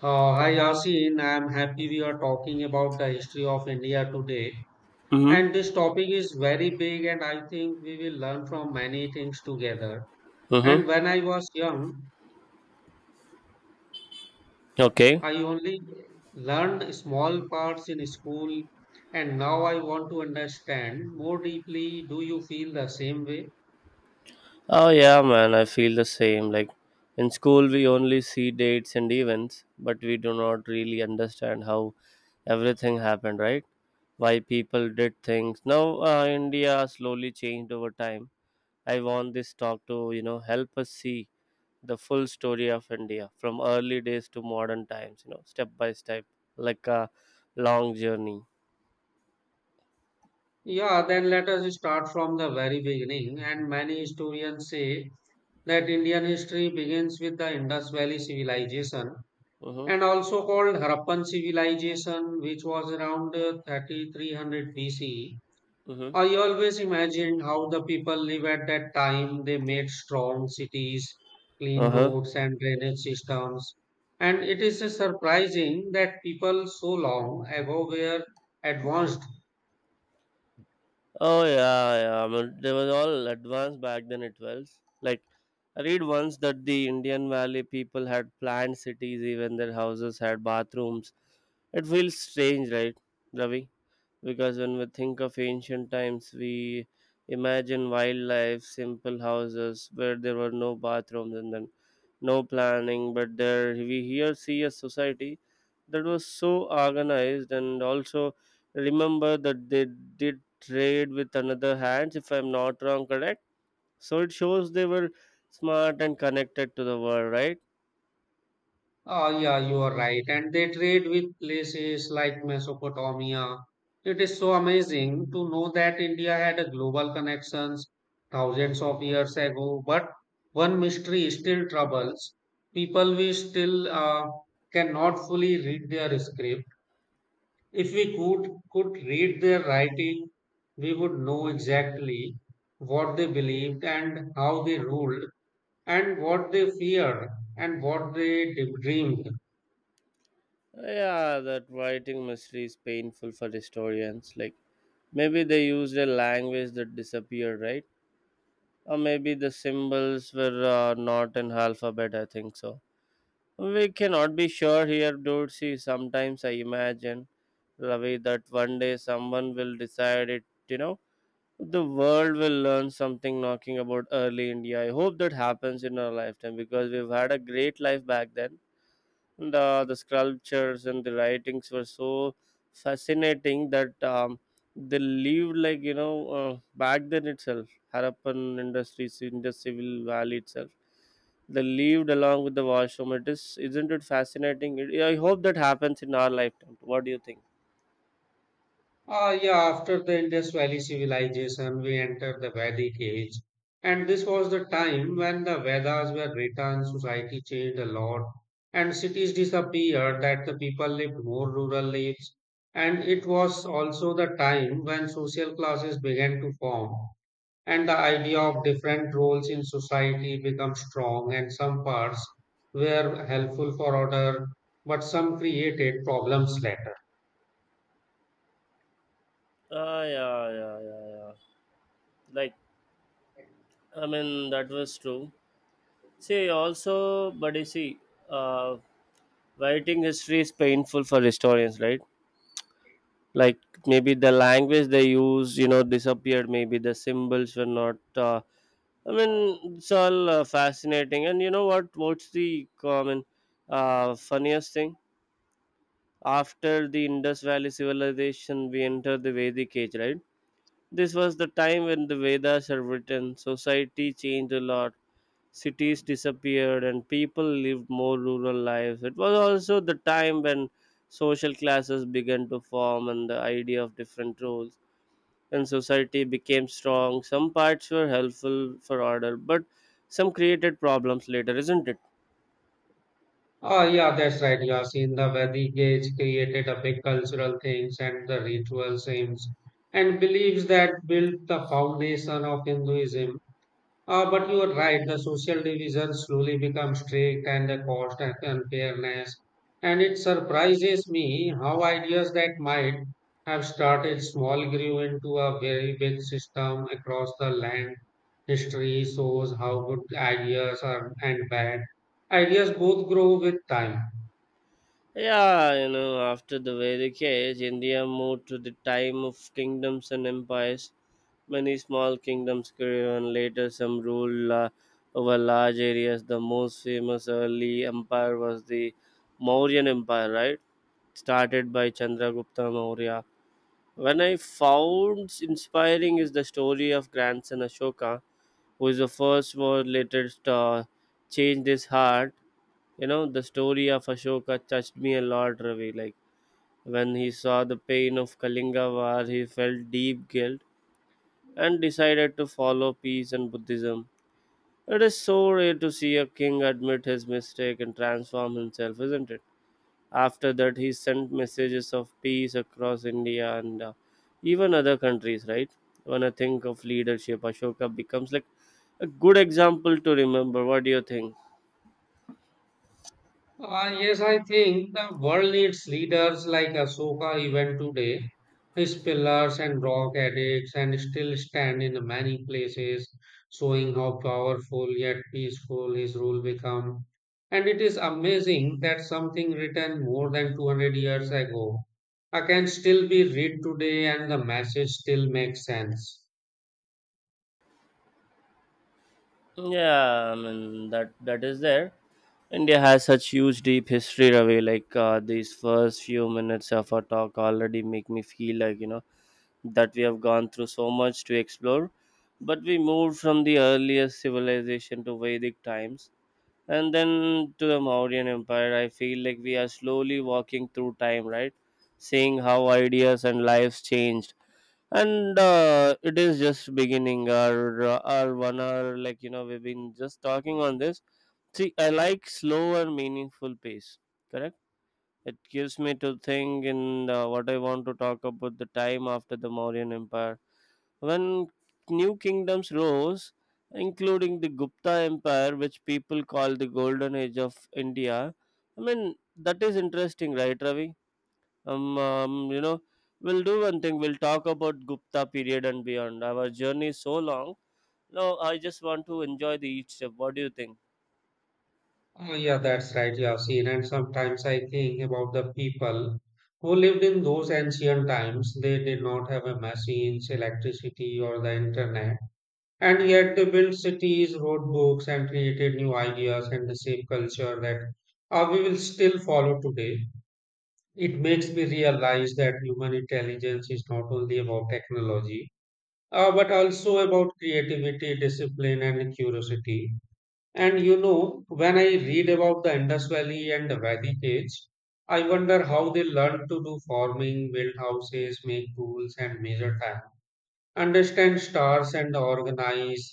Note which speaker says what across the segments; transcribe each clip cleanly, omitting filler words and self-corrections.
Speaker 1: Hi Yasin, I am happy we are talking about the history of India today.
Speaker 2: Mm-hmm.
Speaker 1: And this topic is very big, and I think we will learn from many things together.
Speaker 2: Mm-hmm.
Speaker 1: And when I was young,
Speaker 2: Okay.
Speaker 1: I only learned small parts in school, and now I want to understand more deeply. Do you feel the same way?
Speaker 2: Oh yeah, man, I feel the same. Like, in school we only see dates and events, but we do not really understand how everything happened, right? Why people did things. Now India slowly changed over time. I want this talk to, you know, help us see the full story of India from early days to modern times, you know, step by step, like a long journey.
Speaker 1: Yeah, then let us start from the very beginning. And many historians say that Indian history begins with the Indus Valley civilization
Speaker 2: Mm-hmm.
Speaker 1: and also called Harappan civilization, which was around 3300 BCE.
Speaker 2: Mm-hmm.
Speaker 1: I always imagined how the people lived at that time. They made strong cities, clean
Speaker 2: Uh-huh.
Speaker 1: roads, and drainage systems. And it is surprising that people so long ago were advanced.
Speaker 2: Oh, yeah, yeah. I mean, they were all advanced back then. It was like I read once that the Indian Valley people had planned cities, even their houses had bathrooms. It feels strange, right, Ravi? Because when we think of ancient times we imagine wildlife simple houses where there were no bathrooms and then no planning, but there we here see a society that was so organized, and also remember that they did trade with another hands, if I'm not wrong, correct? So it shows they were smart and connected to the world, right?
Speaker 1: Oh, yeah, you are right. And they trade with places like Mesopotamia. It is so amazing to know that India had a global connections thousands of years ago. But one mystery still troubles people. We still cannot fully read their script. If we could read their writing, we would know exactly what they believed and how they ruled and what they feared and what they dreamed.
Speaker 2: Yeah, that writing mystery is painful for historians. Like, maybe they used a language that disappeared, right? Or maybe the symbols were not in alphabet, I think so. We cannot be sure here, dude. See, sometimes I imagine, Ravi, that one day someone will decide it, you know, the world will learn something knocking about early India. I hope that happens in our lifetime because we've had a great life back then, and the sculptures and the writings were so fascinating that they lived like back then itself, harappan industries in the civil valley itself, they lived along with the washroom. It is, isn't it fascinating? I hope that happens in our lifetime. What do you think?
Speaker 1: Yeah, after the Indus Valley civilization, we enter the Vedic age. And this was the time when the Vedas were written, society changed a lot, and cities disappeared, that the people lived more rural lives. And it was also the time when social classes began to form, and the idea of different roles in society became strong, and some parts were helpful for order, but some created problems later.
Speaker 2: Ah, yeah, yeah, yeah, yeah. Like, I mean, that was true. See, also, but you see, uh, writing history is painful for historians, right? Like maybe the language they use, you know, disappeared. Maybe the symbols were not I mean, it's all fascinating. And you know what's the common funniest thing? After the indus valley civilization we enter the vedic age, right? This was the time when the vedas are written, society changed a lot, cities disappeared and people lived more rural lives. It was also the time when social classes began to form and the idea of different roles and society became strong. Some parts were helpful for order, but some created problems later, isn't it?
Speaker 1: Oh, yeah, that's right, Yasin. The Vedic age created a big cultural things and the ritual aims and beliefs that built the foundation of Hinduism. But you are right, the social division slowly becomes strict and the cost and unfairness. And it surprises me how ideas that might have started small grew into a very big system across the land. History shows how good ideas are and bad ideas both grow with time.
Speaker 2: Yeah, you know, after the Vedic age, India moved to the time of kingdoms and empires. Many small kingdoms grew, and later some over large areas. The most famous early empire was the Mauryan Empire, right? Started by Chandragupta Maurya. When I found inspiring is the story of grandson Ashoka, who is the first war later changed his heart. You know, the story of Ashoka touched me a lot, Ravi. Like when he saw the pain of Kalinga War, he felt deep guilt and decided to follow peace and Buddhism. It is so rare to see a king admit his mistake and transform himself, isn't it? After that, he sent messages of peace across India and even other countries, right? When I think of leadership, Ashoka becomes like a good example to remember. What do you think?
Speaker 1: Yes, I think the world needs leaders like Ahsoka even today. His pillars and rock addicts and still stand in many places, showing how powerful yet peaceful his rule become. And it is amazing that something written more than 200 years ago can still be read today and the message still makes sense.
Speaker 2: Yeah, I mean that is there. India has such huge deep history, Ravi. Like these first few minutes of our talk already make me feel like, you know, that we have gone through so much to explore. But we moved from the earliest civilization to Vedic times, and then to the Mauryan Empire. I feel like we are slowly walking through time, right? Seeing how ideas and lives changed, and it is just beginning. Our 1 hour, like you know, we've been just talking on this. See, I like slow and meaningful pace. Correct. It gives me to think in the, what I want to talk about the time after the Mauryan Empire. When new kingdoms rose, including the Gupta Empire, which people call the Golden Age of India, I mean, that is interesting, right, Ravi? You know, we'll do one thing, we'll talk about Gupta period and beyond. Our journey is so long. No, I just want to enjoy the each step. What do you think?
Speaker 1: Oh, yeah, that's right, Yasin. And sometimes I think about the people who lived in those ancient times. They did not have a machines, electricity, or the internet. And yet they built cities, wrote books, and created new ideas and the same culture that we will still follow today. It makes me realize that human intelligence is not only about technology, but also about creativity, discipline, and curiosity. And you know, when I read about the Indus Valley and the Vedic Age, I wonder how they learned to do farming, build houses, make tools, and measure time, understand stars, and organize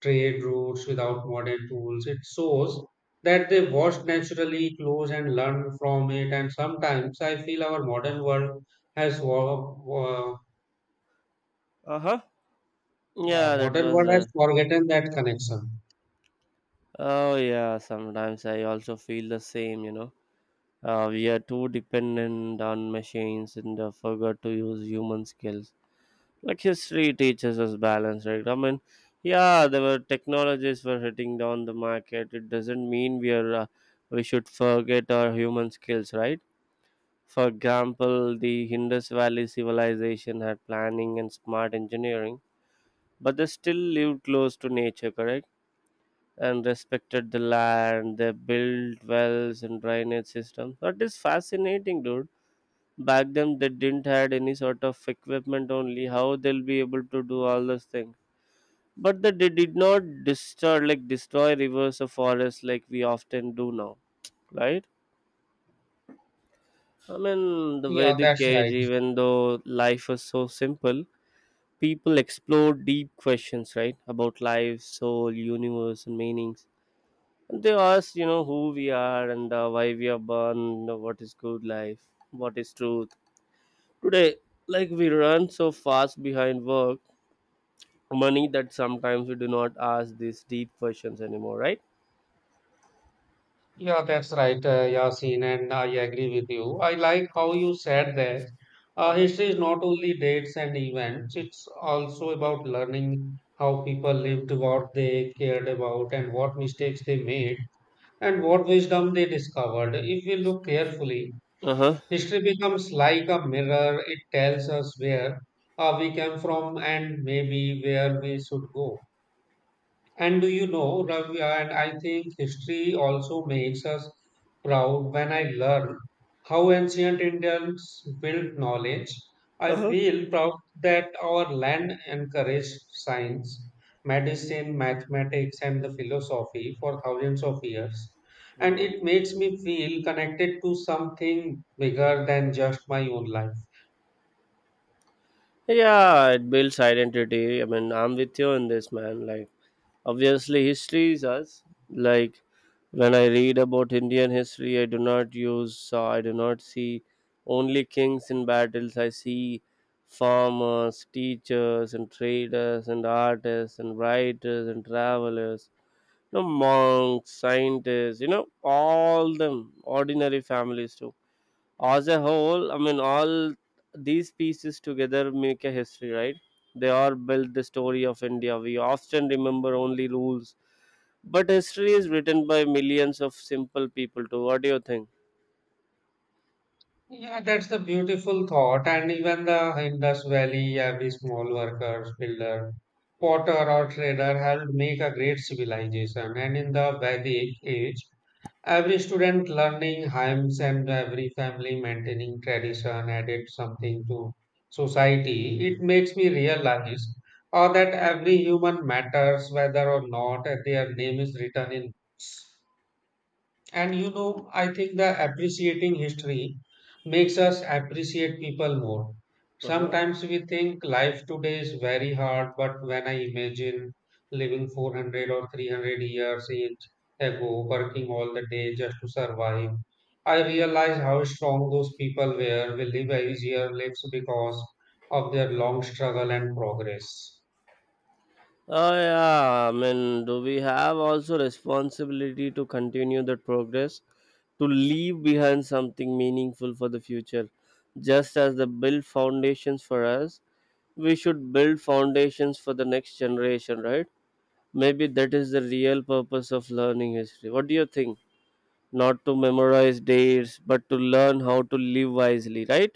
Speaker 1: trade routes without modern tools. It shows that they watched naturally, close, and learned from it. And sometimes I feel our modern world has wa- wa-
Speaker 2: Uh huh.
Speaker 1: uh,
Speaker 2: Yeah, that
Speaker 1: modern
Speaker 2: was
Speaker 1: world has
Speaker 2: there.
Speaker 1: forgotten that connection.
Speaker 2: Oh yeah, sometimes I also feel the same, you know. We are too dependent on machines and forgot to use human skills. Like history teaches us balance, right? I mean, yeah, there were technologies were hitting down the market. It doesn't mean we are we should forget our human skills, right? For example, the Indus Valley civilization had planning and smart engineering, but they still lived close to nature, correct? And respected the land. They built wells and drainage systems. That is fascinating, dude. Back then, they didn't had any sort of equipment. Only how they'll be able to do all those things. But that they did not destroy, like destroy rivers or forests like we often do now, right? I mean, the
Speaker 1: Yeah,
Speaker 2: Vedic
Speaker 1: that's
Speaker 2: age,
Speaker 1: right.
Speaker 2: even though life was so simple, people explored deep questions, right, about life, soul, universe, and meanings. They ask, you know, who we are and why we are born, you know, what is good life, what is truth today. Like we run so fast behind work, money, that sometimes we do not ask these deep questions anymore, right?
Speaker 1: Yeah, that's right, Yasin, and I agree with you. I like how you said that
Speaker 2: Uh-huh.
Speaker 1: history is not only dates and events, it's also about learning how people lived, what they cared about, and what mistakes they made, and what wisdom they discovered. If we look carefully,
Speaker 2: Uh-huh.
Speaker 1: history becomes like a mirror, it tells us where we came from and maybe where we should go. And do you know, Ravi, and I think history also makes us proud when I learn how ancient Indians built knowledge.
Speaker 2: Uh-huh. uh
Speaker 1: I
Speaker 2: huh.
Speaker 1: feel proud that our land encouraged science, medicine, mathematics, and the philosophy for thousands of years. And
Speaker 2: Hmm.
Speaker 1: it makes me feel connected to something bigger than just my own life.
Speaker 2: Yeah, it builds identity. I mean, I'm with you in this, man. Like obviously history is us. Like when I read about Indian history, I do not use, I do not see only kings in battles. I see farmers, teachers, and traders, and artists, and writers, and travelers, you know, monks, scientists, you know, all them, ordinary families too. As a whole, I mean, all these pieces together make a history, right? They all build the story of india. We often remember only rules, but history is written by millions of simple people too. What do you think?
Speaker 1: Yeah, that's the beautiful thought. And even the Indus Valley, every small worker, builder, potter, or trader helped make a great civilization. And in the Vedic age, every student learning hymns and every family maintaining tradition added something to society. It makes me realize or that every human matters whether or not their name is written in and you know, I think the appreciating history makes us appreciate people more.
Speaker 2: Uh-huh.
Speaker 1: Sometimes we think life today is very hard, but when I imagine living 400 or 300 years age ago, working all the day just to survive, I realize how strong those people were. We live easier lives because of their long struggle and progress.
Speaker 2: Oh, yeah, I mean, do we have also responsibility to continue that progress, to leave behind something meaningful for the future? Just as they build foundations for us, we should build foundations for the next generation, right? Maybe that is the real purpose of learning history. What do you think? Not to memorize dates, but to learn how to live wisely, right?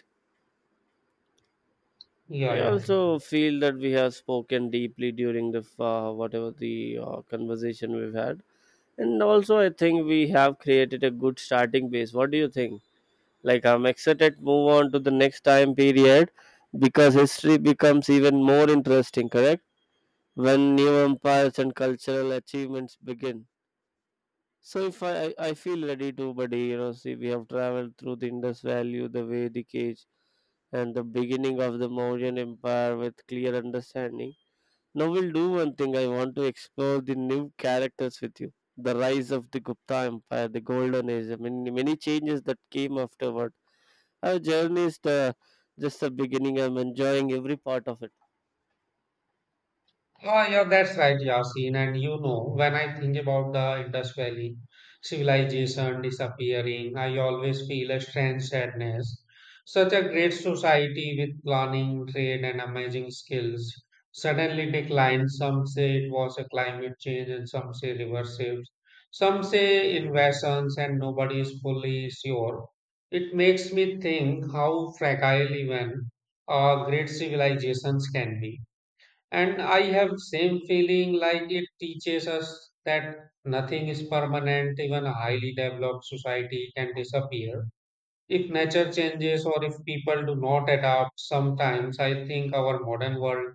Speaker 1: Yeah,
Speaker 2: I
Speaker 1: yeah.
Speaker 2: also feel that we have spoken deeply during the whatever the conversation we've had, and also I think we have created a good starting base. What do you think? Like I'm excited to move on to the next time period because history becomes even more interesting. Correct? When new empires and cultural achievements begin. So if I, I feel ready to, buddy, you know, see, we have traveled through the Indus Valley, the Vedic age, and the beginning of the Mauryan Empire with clear understanding. Now we'll do one thing. I want to explore the new characters with you. The rise of the Gupta Empire, the Golden Age, I mean, many changes that came afterward. Our journey is the, just the beginning. I'm enjoying every part of it.
Speaker 1: Oh, yeah, that's right, Yasin. And you know, when I think about the Indus Valley civilization disappearing, I always feel a strange sadness. Such a great society with planning, trade, and amazing skills suddenly declined. Some say it was a climate change, and some say river shifts. Some say invasions, and nobody is fully sure. It makes me think how fragile even great civilizations can be, and I have same feeling like it teaches us that nothing is permanent, even a highly developed society can disappear if nature changes or if people do not adapt. Sometimes I think our modern world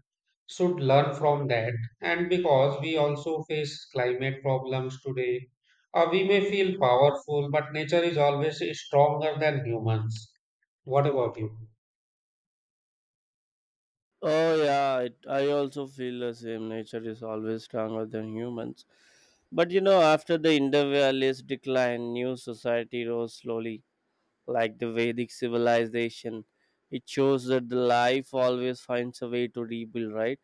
Speaker 1: should learn from that, and because we also face climate problems today, we may feel powerful but nature is always stronger than humans. What about you?
Speaker 2: Oh yeah, I also feel the same. Nature is always stronger than humans. But you know, after the Indo Valley's decline, new society rose slowly, like the Vedic civilization. It shows that the life always finds a way to rebuild, right?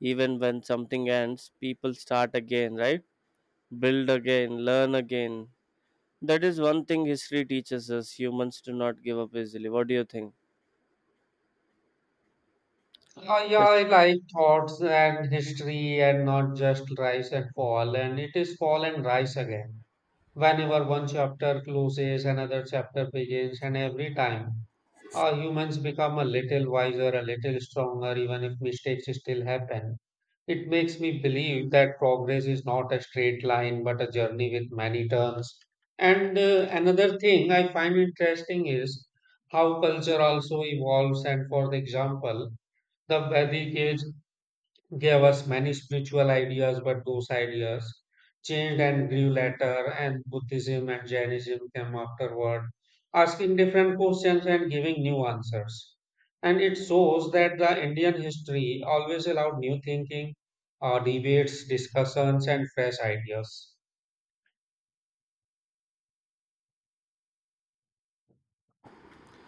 Speaker 2: Even when something ends, people start again, right? Build again, learn again. That is one thing history teaches us. Humans do not give up easily. What do you think?
Speaker 1: Yeah, I
Speaker 2: Yes.
Speaker 1: like thoughts and history and not just rise and fall. And it is fall and rise again. Whenever one chapter closes, another chapter begins, and every time humans become a little wiser, a little stronger, even if mistakes still happen. It makes me believe that progress is not a straight line but a journey with many turns. And another thing I find interesting is how culture also evolves. And for the example, the Vedic age gave us many spiritual ideas, but those ideas changed and grew later, and Buddhism and Jainism came afterward, asking different questions and giving new answers. And it shows that the Indian history always allowed new thinking, debates, discussions, and fresh ideas.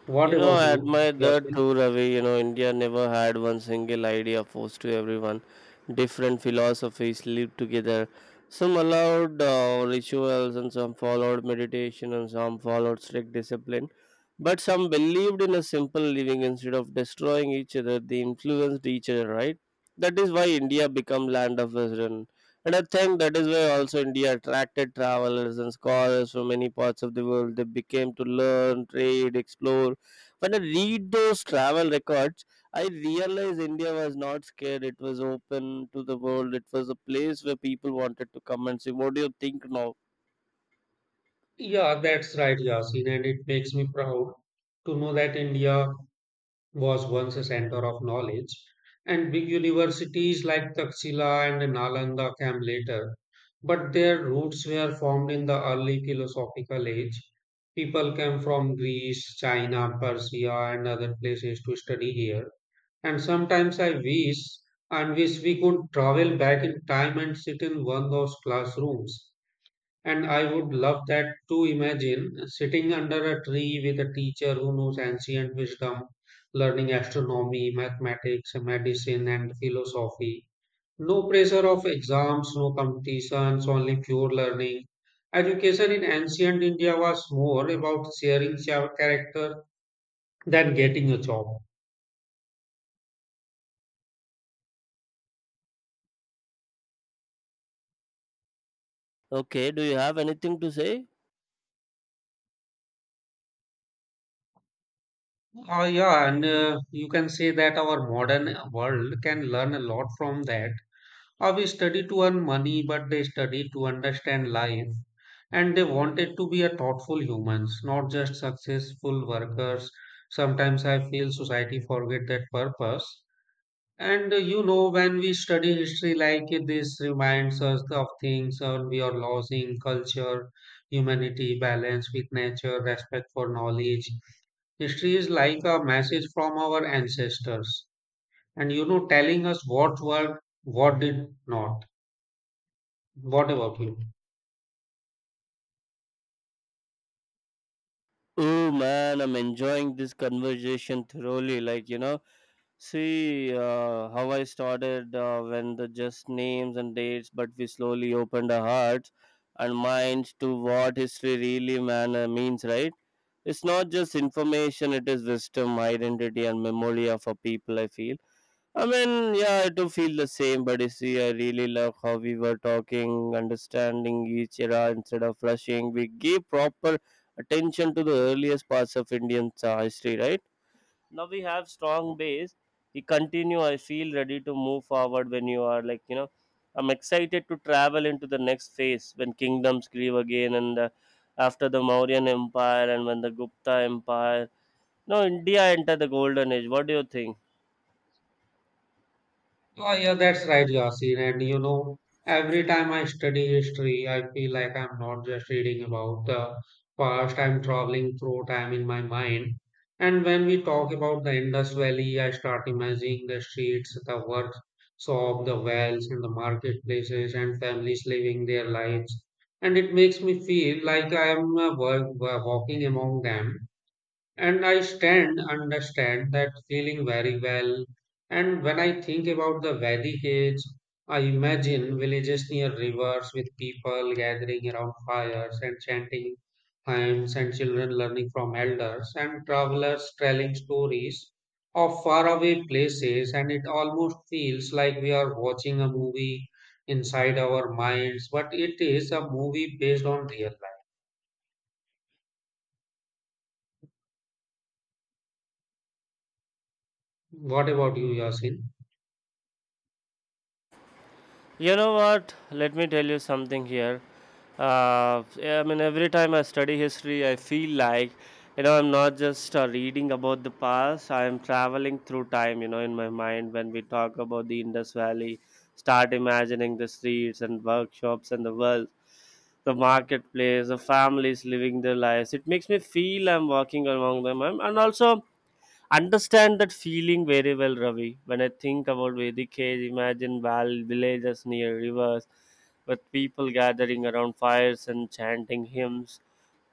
Speaker 1: What
Speaker 2: You know,
Speaker 1: about
Speaker 2: I
Speaker 1: you,
Speaker 2: admire that
Speaker 1: Yasin?
Speaker 2: too, Ravi. You know, India never had one single idea forced to everyone. Different philosophies lived together. Some allowed rituals, and some followed meditation, and some followed strict discipline. But some believed in a simple living instead of destroying each other. They influenced each other, right? That is why India became land of wisdom. And I think that is why also India attracted travelers and scholars from many parts of the world. They became to learn, trade, explore. When I read those travel records, I realized India was not scared. It was open to the world. It was a place where people wanted to come and see. What do you think now?
Speaker 1: Yeah, that's right, Yasin, and it makes me proud to know that India was once a center of knowledge, and big universities like Taxila and Nalanda came later, but their roots were formed in the early philosophical age. People came from Greece, China, Persia, and other places to study here. And sometimes I wish we could travel back in time and sit in one of those classrooms, and I would love that to imagine sitting under a tree with a teacher who knows ancient wisdom, learning astronomy, mathematics, medicine, and philosophy. No pressure of exams, no competitions, only pure learning. Education in ancient India was more about sharing character than getting a job.
Speaker 2: Okay, do you have anything to say?
Speaker 1: Oh, yeah, and you can say that our modern world can learn a lot from that. We study to earn money, but they study to understand life. And they wanted to be a thoughtful humans, not just successful workers. Sometimes I feel society forget that purpose. And you know, when we study history like this, reminds us of things we are losing: culture, humanity, balance with nature, respect for knowledge. History is like a message from our ancestors, and you know, telling us what worked, what did not. What about you?
Speaker 2: Oh man, I'm enjoying this conversation thoroughly. Like, you know, see how I started when the just names and dates, but we slowly opened our hearts and minds to what history really man, means, right? It's not just information, it is wisdom, identity, and memory of a people, I feel. I mean, yeah, I do feel the same, but you see, I really love how we were talking, understanding each era instead of rushing. We gave proper attention to the earliest parts of Indian history, right? Now we have strong base. You continue. I feel ready to move forward when you are, like, I'm excited to travel into the next phase when kingdoms grieve again, and after the Mauryan Empire and when the Gupta Empire. Now India enter the golden age. What do you think?
Speaker 1: Oh, yeah, that's right, Yasin. And you know, every time I study history, I feel like I'm not just reading about the past, I'm traveling through time in my mind. And when we talk about the Indus Valley, I start imagining the streets, the workshop, the wells, and the marketplaces, and families living their lives. And it makes me feel like I am walking among them. And I stand understand that feeling very well. And when I think about the Vedic age, I imagine villages near rivers with people gathering around fires and chanting hymns and children learning from elders and travelers telling stories of faraway places, and it almost feels like we are watching a movie inside our minds, but it is a movie based on real life. What about you, Yasin?
Speaker 2: You know what? Let me tell you something here. I mean, every time I study history, I feel like, I'm not just reading about the past. I'm traveling through time, in my mind. When we talk about the Indus Valley, start imagining the streets and workshops and the world, the marketplace, the families living their lives. It makes me feel I'm walking among them. I'm, and also, understand that feeling very well, Ravi. When I think about Vedic age, imagine villages near rivers with people gathering around fires and chanting hymns,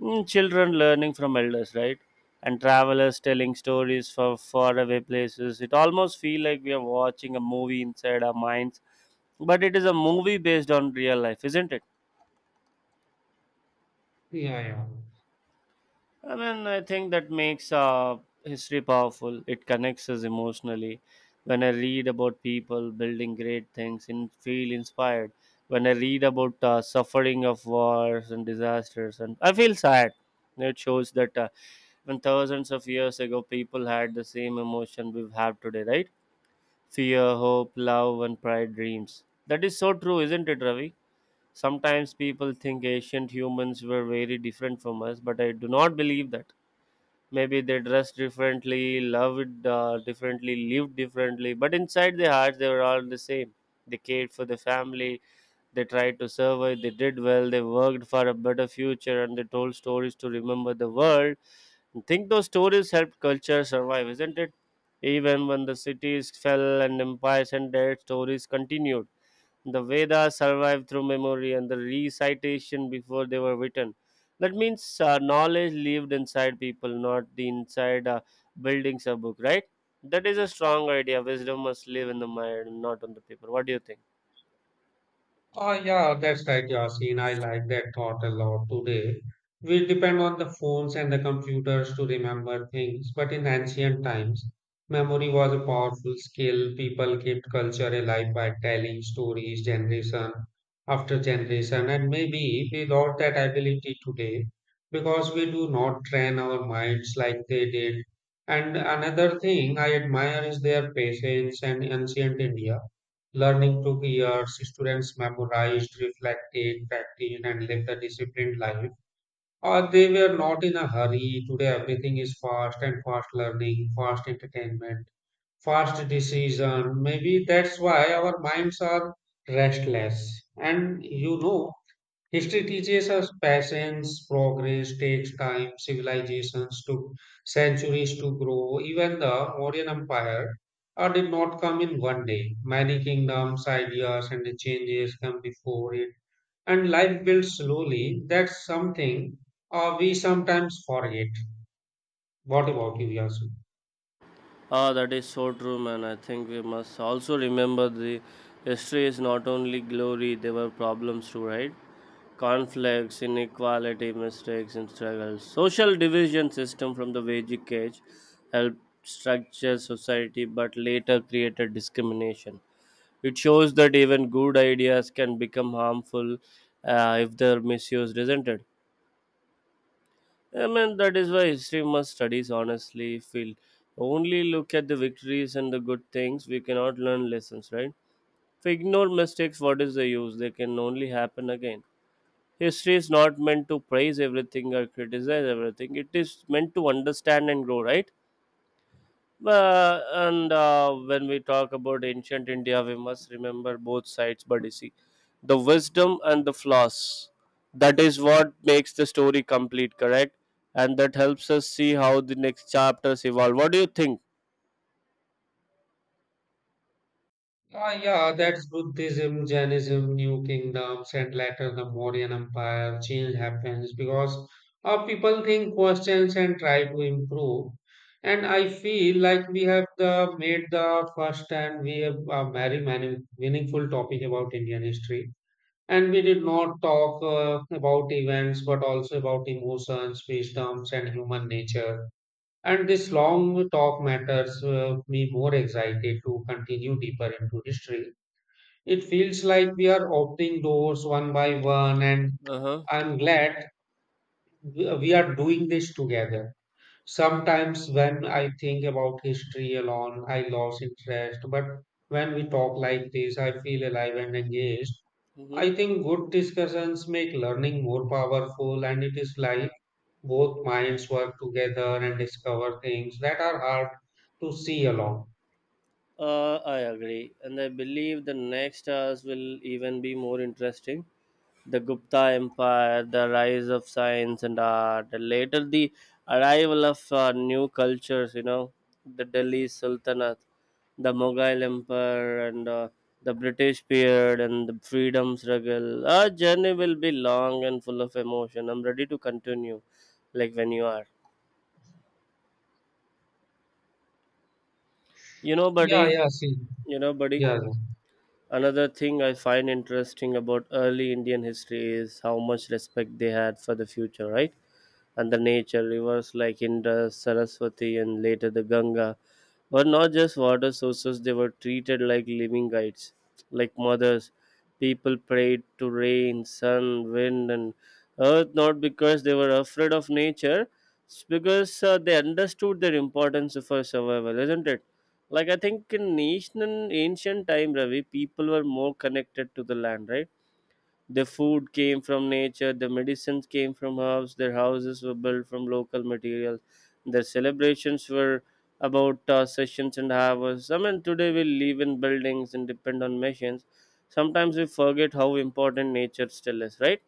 Speaker 2: Mm, children learning from elders, right? And travelers telling stories from faraway places. It almost feels like we are watching a movie inside our minds, but it is a movie based on real life, isn't it?
Speaker 1: Yeah, yeah.
Speaker 2: I mean, I think that makes history powerful. It connects us emotionally. When I read about people building great things and feel inspired, when I read about suffering of wars and disasters, and I feel sad. It shows that when thousands of years ago, people had the same emotion we have today, right? Fear, hope, love, and pride, dreams. That is so true, isn't it, Ravi? Sometimes people think ancient humans were very different from us, but I do not believe that. Maybe they dressed differently, loved differently, lived differently, but inside their hearts they were all the same. They cared for the family, they tried to survive, they did well, they worked for a better future, and they told stories to remember the world. I think those stories helped culture survive, isn't it? Even when the cities fell and empires ended, stories continued. The Vedas survived through memory and the recitation before they were written. That means knowledge lived inside people, not the inside buildings or book, right? That is a strong idea. Wisdom must live in the mind, not on the paper. What do you think?
Speaker 1: Oh, yeah, that's right, Yasin. I like that thought a lot today. We depend on the phones and the computers to remember things, but in ancient times, memory was a powerful skill. People kept culture alive by telling stories generation after generation, and maybe we lost that ability today because we do not train our minds like they did. And another thing I admire is their patience and ancient India. Learning took years. Students memorized, reflected, practiced, and lived a disciplined life. Or they were not in a hurry. Today, everything is fast and fast learning, fast entertainment, fast decision. Maybe that's why our minds are restless. And you know, history teaches us patience, progress takes time, civilizations took centuries to grow. Even the Mauryan Empire did not come in one day. Many kingdoms, ideas, and changes come before it. And life builds slowly. That's something we sometimes forget. What about you, Yasu?
Speaker 2: Ah, that is so true, man. I think we must also remember the history is not only glory, there were problems too, right? Conflicts, inequality, mistakes, and struggles. Social division system from the Vedic age helped structure society but later created discrimination. It shows that even good ideas can become harmful if they're misused, isn't it? I mean, that is why history must studies honestly. Feel, only look at the victories and the good things, we cannot learn lessons, right? If we ignore mistakes, what is the use? They can only happen again. History is not meant to praise everything or criticize everything, it is meant to understand and grow, right? And When we talk about ancient India, we must remember both sides, buddy. See, the wisdom and the flaws. That is what makes the story complete, correct? And that helps us see how the next chapters evolve. What do you think?
Speaker 1: Ah, yeah, that's Buddhism, Jainism, New Kingdoms, and later the Mauryan Empire. Change happens because people think questions and try to improve. And I feel like we have the, made the first and we have a very meaningful topic about Indian history. And we did not talk about events, but also about emotions, wisdoms, and human nature. And this long talk matters me more excited to continue deeper into history. It feels like we are opening doors one by one, and
Speaker 2: Uh huh.
Speaker 1: I'm glad we are doing this together. Sometimes, when I think about history alone, I lose interest, but when we talk like this, I feel alive and engaged.
Speaker 2: Mm-hmm.
Speaker 1: I think good discussions make learning more powerful, and it is like both minds work together and discover things that are hard to see alone.
Speaker 2: I agree, and I believe the next hours will even be more interesting. The Gupta Empire, the rise of science and art, and later the arrival of new cultures. You know, the Delhi Sultanate, the Mughal Empire, and the British period, and the freedom struggle. Our journey will be long and full of emotion. I'm ready to continue, like when you are. You know,
Speaker 1: Yeah,
Speaker 2: buddy.
Speaker 1: yeah, see.
Speaker 2: You know, buddy.
Speaker 1: Yeah,
Speaker 2: Another thing I find interesting about early Indian history is how much respect they had for the future, right? And the nature rivers like Indus, Saraswati, and later the Ganga were not just water sources, they were treated like living guides, like mothers. People prayed to rain, sun, wind, and earth, not because they were afraid of nature, it's because they understood their importance for survival, isn't it? Like I think in ancient time, Ravi, people were more connected to the land, right? The food came from nature, the medicines came from herbs, their houses were built from local materials, their celebrations were about sessions and hours. I mean, today we live in buildings and depend on machines. Sometimes we forget how important nature still is, right?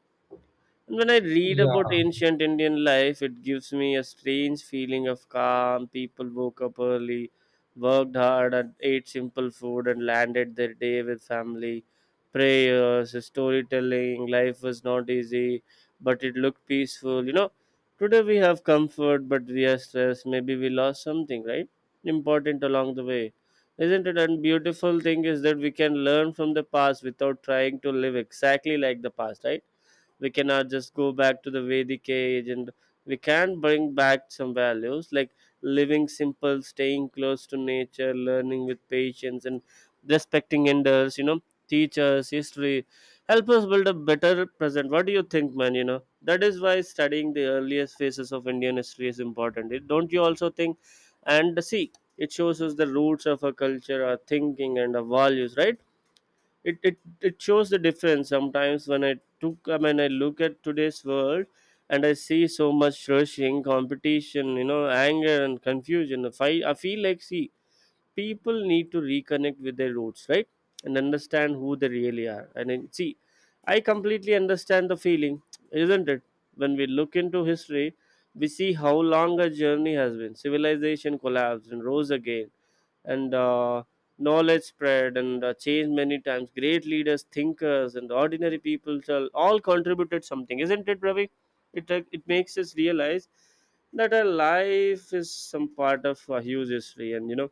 Speaker 2: And when I read about
Speaker 1: yeah,
Speaker 2: ancient Indian life, it gives me a strange feeling of calm. People woke up early, worked hard, and ate simple food, and landed their day with family, prayers, storytelling. Life was not easy, but it looked peaceful. You know, today we have comfort, but we are stressed. Maybe we lost something, right? Important along the way. Isn't it? And beautiful thing is that we can learn from the past without trying to live exactly like the past, right? We cannot just go back to the Vedic age, and we can bring back some values like living simple, staying close to nature, learning with patience, and respecting elders, you know, teachers. History help us build a better present. What do you think, man? You know, that is why studying the earliest phases of Indian history is important. Don't you also think and see, it shows us the roots of our culture, our thinking, and our values, right? It shows the difference. Sometimes when I took I mean I look at today's world, and I see so much rushing, competition, you know, anger and confusion, if I I feel like, see, people need to reconnect with their roots, right? And understand who they really are. And then, see, I completely understand the feeling, isn't it? When we look into history, we see how long a journey has been. Civilization collapsed and rose again, and knowledge spread and changed many times. Great leaders, thinkers, and ordinary people all contributed something, isn't it, Ravi? It makes us realize that our life is some part of a huge history. And you know,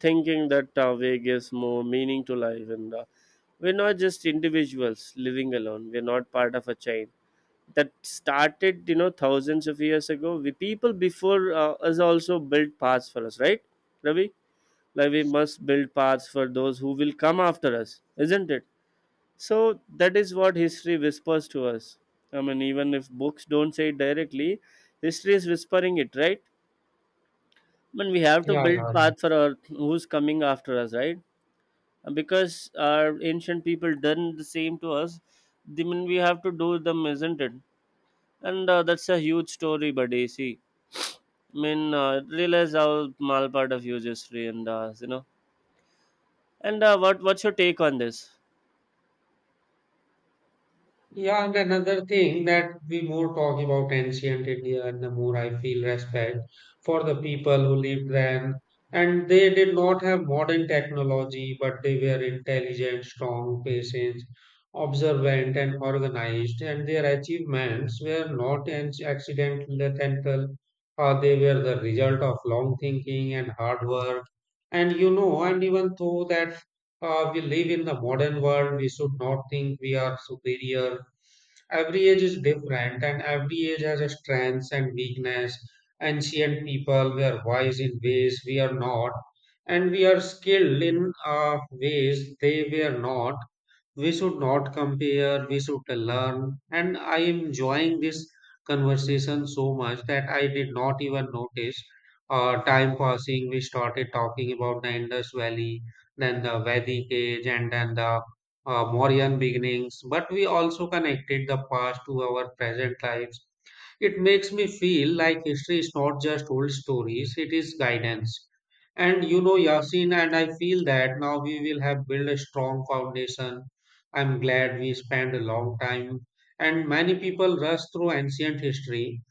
Speaker 2: thinking that way gives more meaning to life. And we're not just individuals living alone, we're not part of a chain that started, you know, thousands of years ago. We, people before us, also built paths for us, right, Ravi? Like we must build paths for those who will come after us, isn't it? So that is what history whispers to us. I mean, even if books don't say it directly, history is whispering it, right? I mean, we have to
Speaker 1: yeah, yeah,
Speaker 2: build
Speaker 1: yeah.
Speaker 2: path for our who's coming after us, right? Because our ancient people done the same to us. I mean, we have to do them, isn't it? And that's a huge story, buddy. See, I mean, realize how mal part of huge history. And you know. And what's your take on this?
Speaker 1: Yeah, and another thing that we more talk about ancient India and the more I feel respect for the people who lived then. And they did not have modern technology, but they were intelligent, strong, patient, observant, and organized. And their achievements were not an accidental, they were the result of long thinking and hard work. And you know, and even though that we live in the modern world, we should not think we are superior. Every age is different, and every age has its strengths and weakness. Ancient people were wise in ways we are not, and we are skilled in ways they were not. We should not compare, we should learn. And I am enjoying this conversation so much that I did not even notice time passing. We started talking about the Indus Valley, then the Vedic age, and then the Mauryan beginnings, but we also connected the past to our present lives. It makes me feel like history is not just old stories, it is guidance. And you know, Yasin, and I feel that now we will have built a strong foundation. I'm glad we spent a long time, and many people rush through ancient history.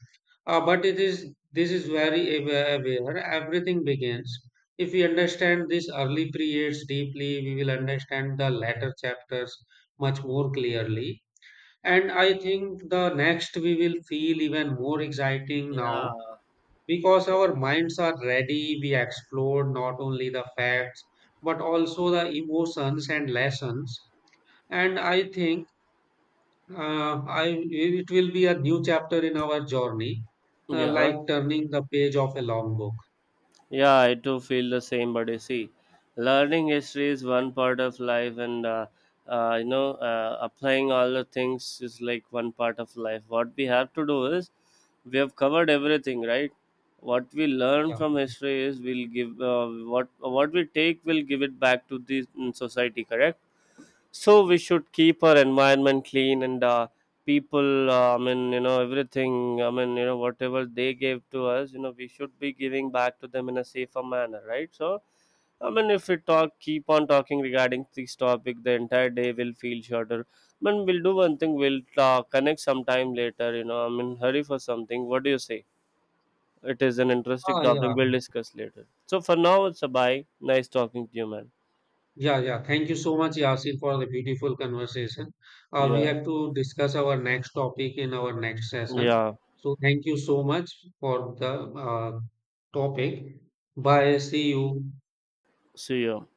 Speaker 1: But it is this is very aware, where everything begins. If we understand these early periods deeply, we will understand the later chapters much more clearly. And I think the next we will feel even more exciting now
Speaker 2: Yeah,
Speaker 1: because our minds are ready. We explore not only the facts but also the emotions and lessons. And I think I it will be a new chapter in our journey,
Speaker 2: yeah. Huh?
Speaker 1: like turning the page of a long book.
Speaker 2: Yeah, I too feel the same, but see, learning history is one part of life, and you know, applying all the things is like one part of life. What we have to do is we have covered everything, right? What we learn
Speaker 1: Yeah.
Speaker 2: from history is we'll give what we take, we'll give it back to the mm, society, correct? So we should keep our environment clean and people. I mean, you know, everything. I mean, you know, whatever they gave to us, you know, we should be giving back to them in a safer manner, right? So, I mean, if we talk, keep on talking regarding this topic, the entire day will feel shorter. I mean, we'll do one thing. We'll connect sometime later. You know, I mean, hurry for something. What do you say? It is an interesting
Speaker 1: Ah,
Speaker 2: topic.
Speaker 1: yeah.
Speaker 2: We'll discuss later. So for now, it's a bye. Nice talking to you, man.
Speaker 1: Yeah, yeah. Thank you so much, Yasin, for the beautiful conversation. We
Speaker 2: Yeah,
Speaker 1: have to discuss our next topic in our next session.
Speaker 2: yeah.
Speaker 1: So thank you so much for the topic. Bye. See you.
Speaker 2: See you.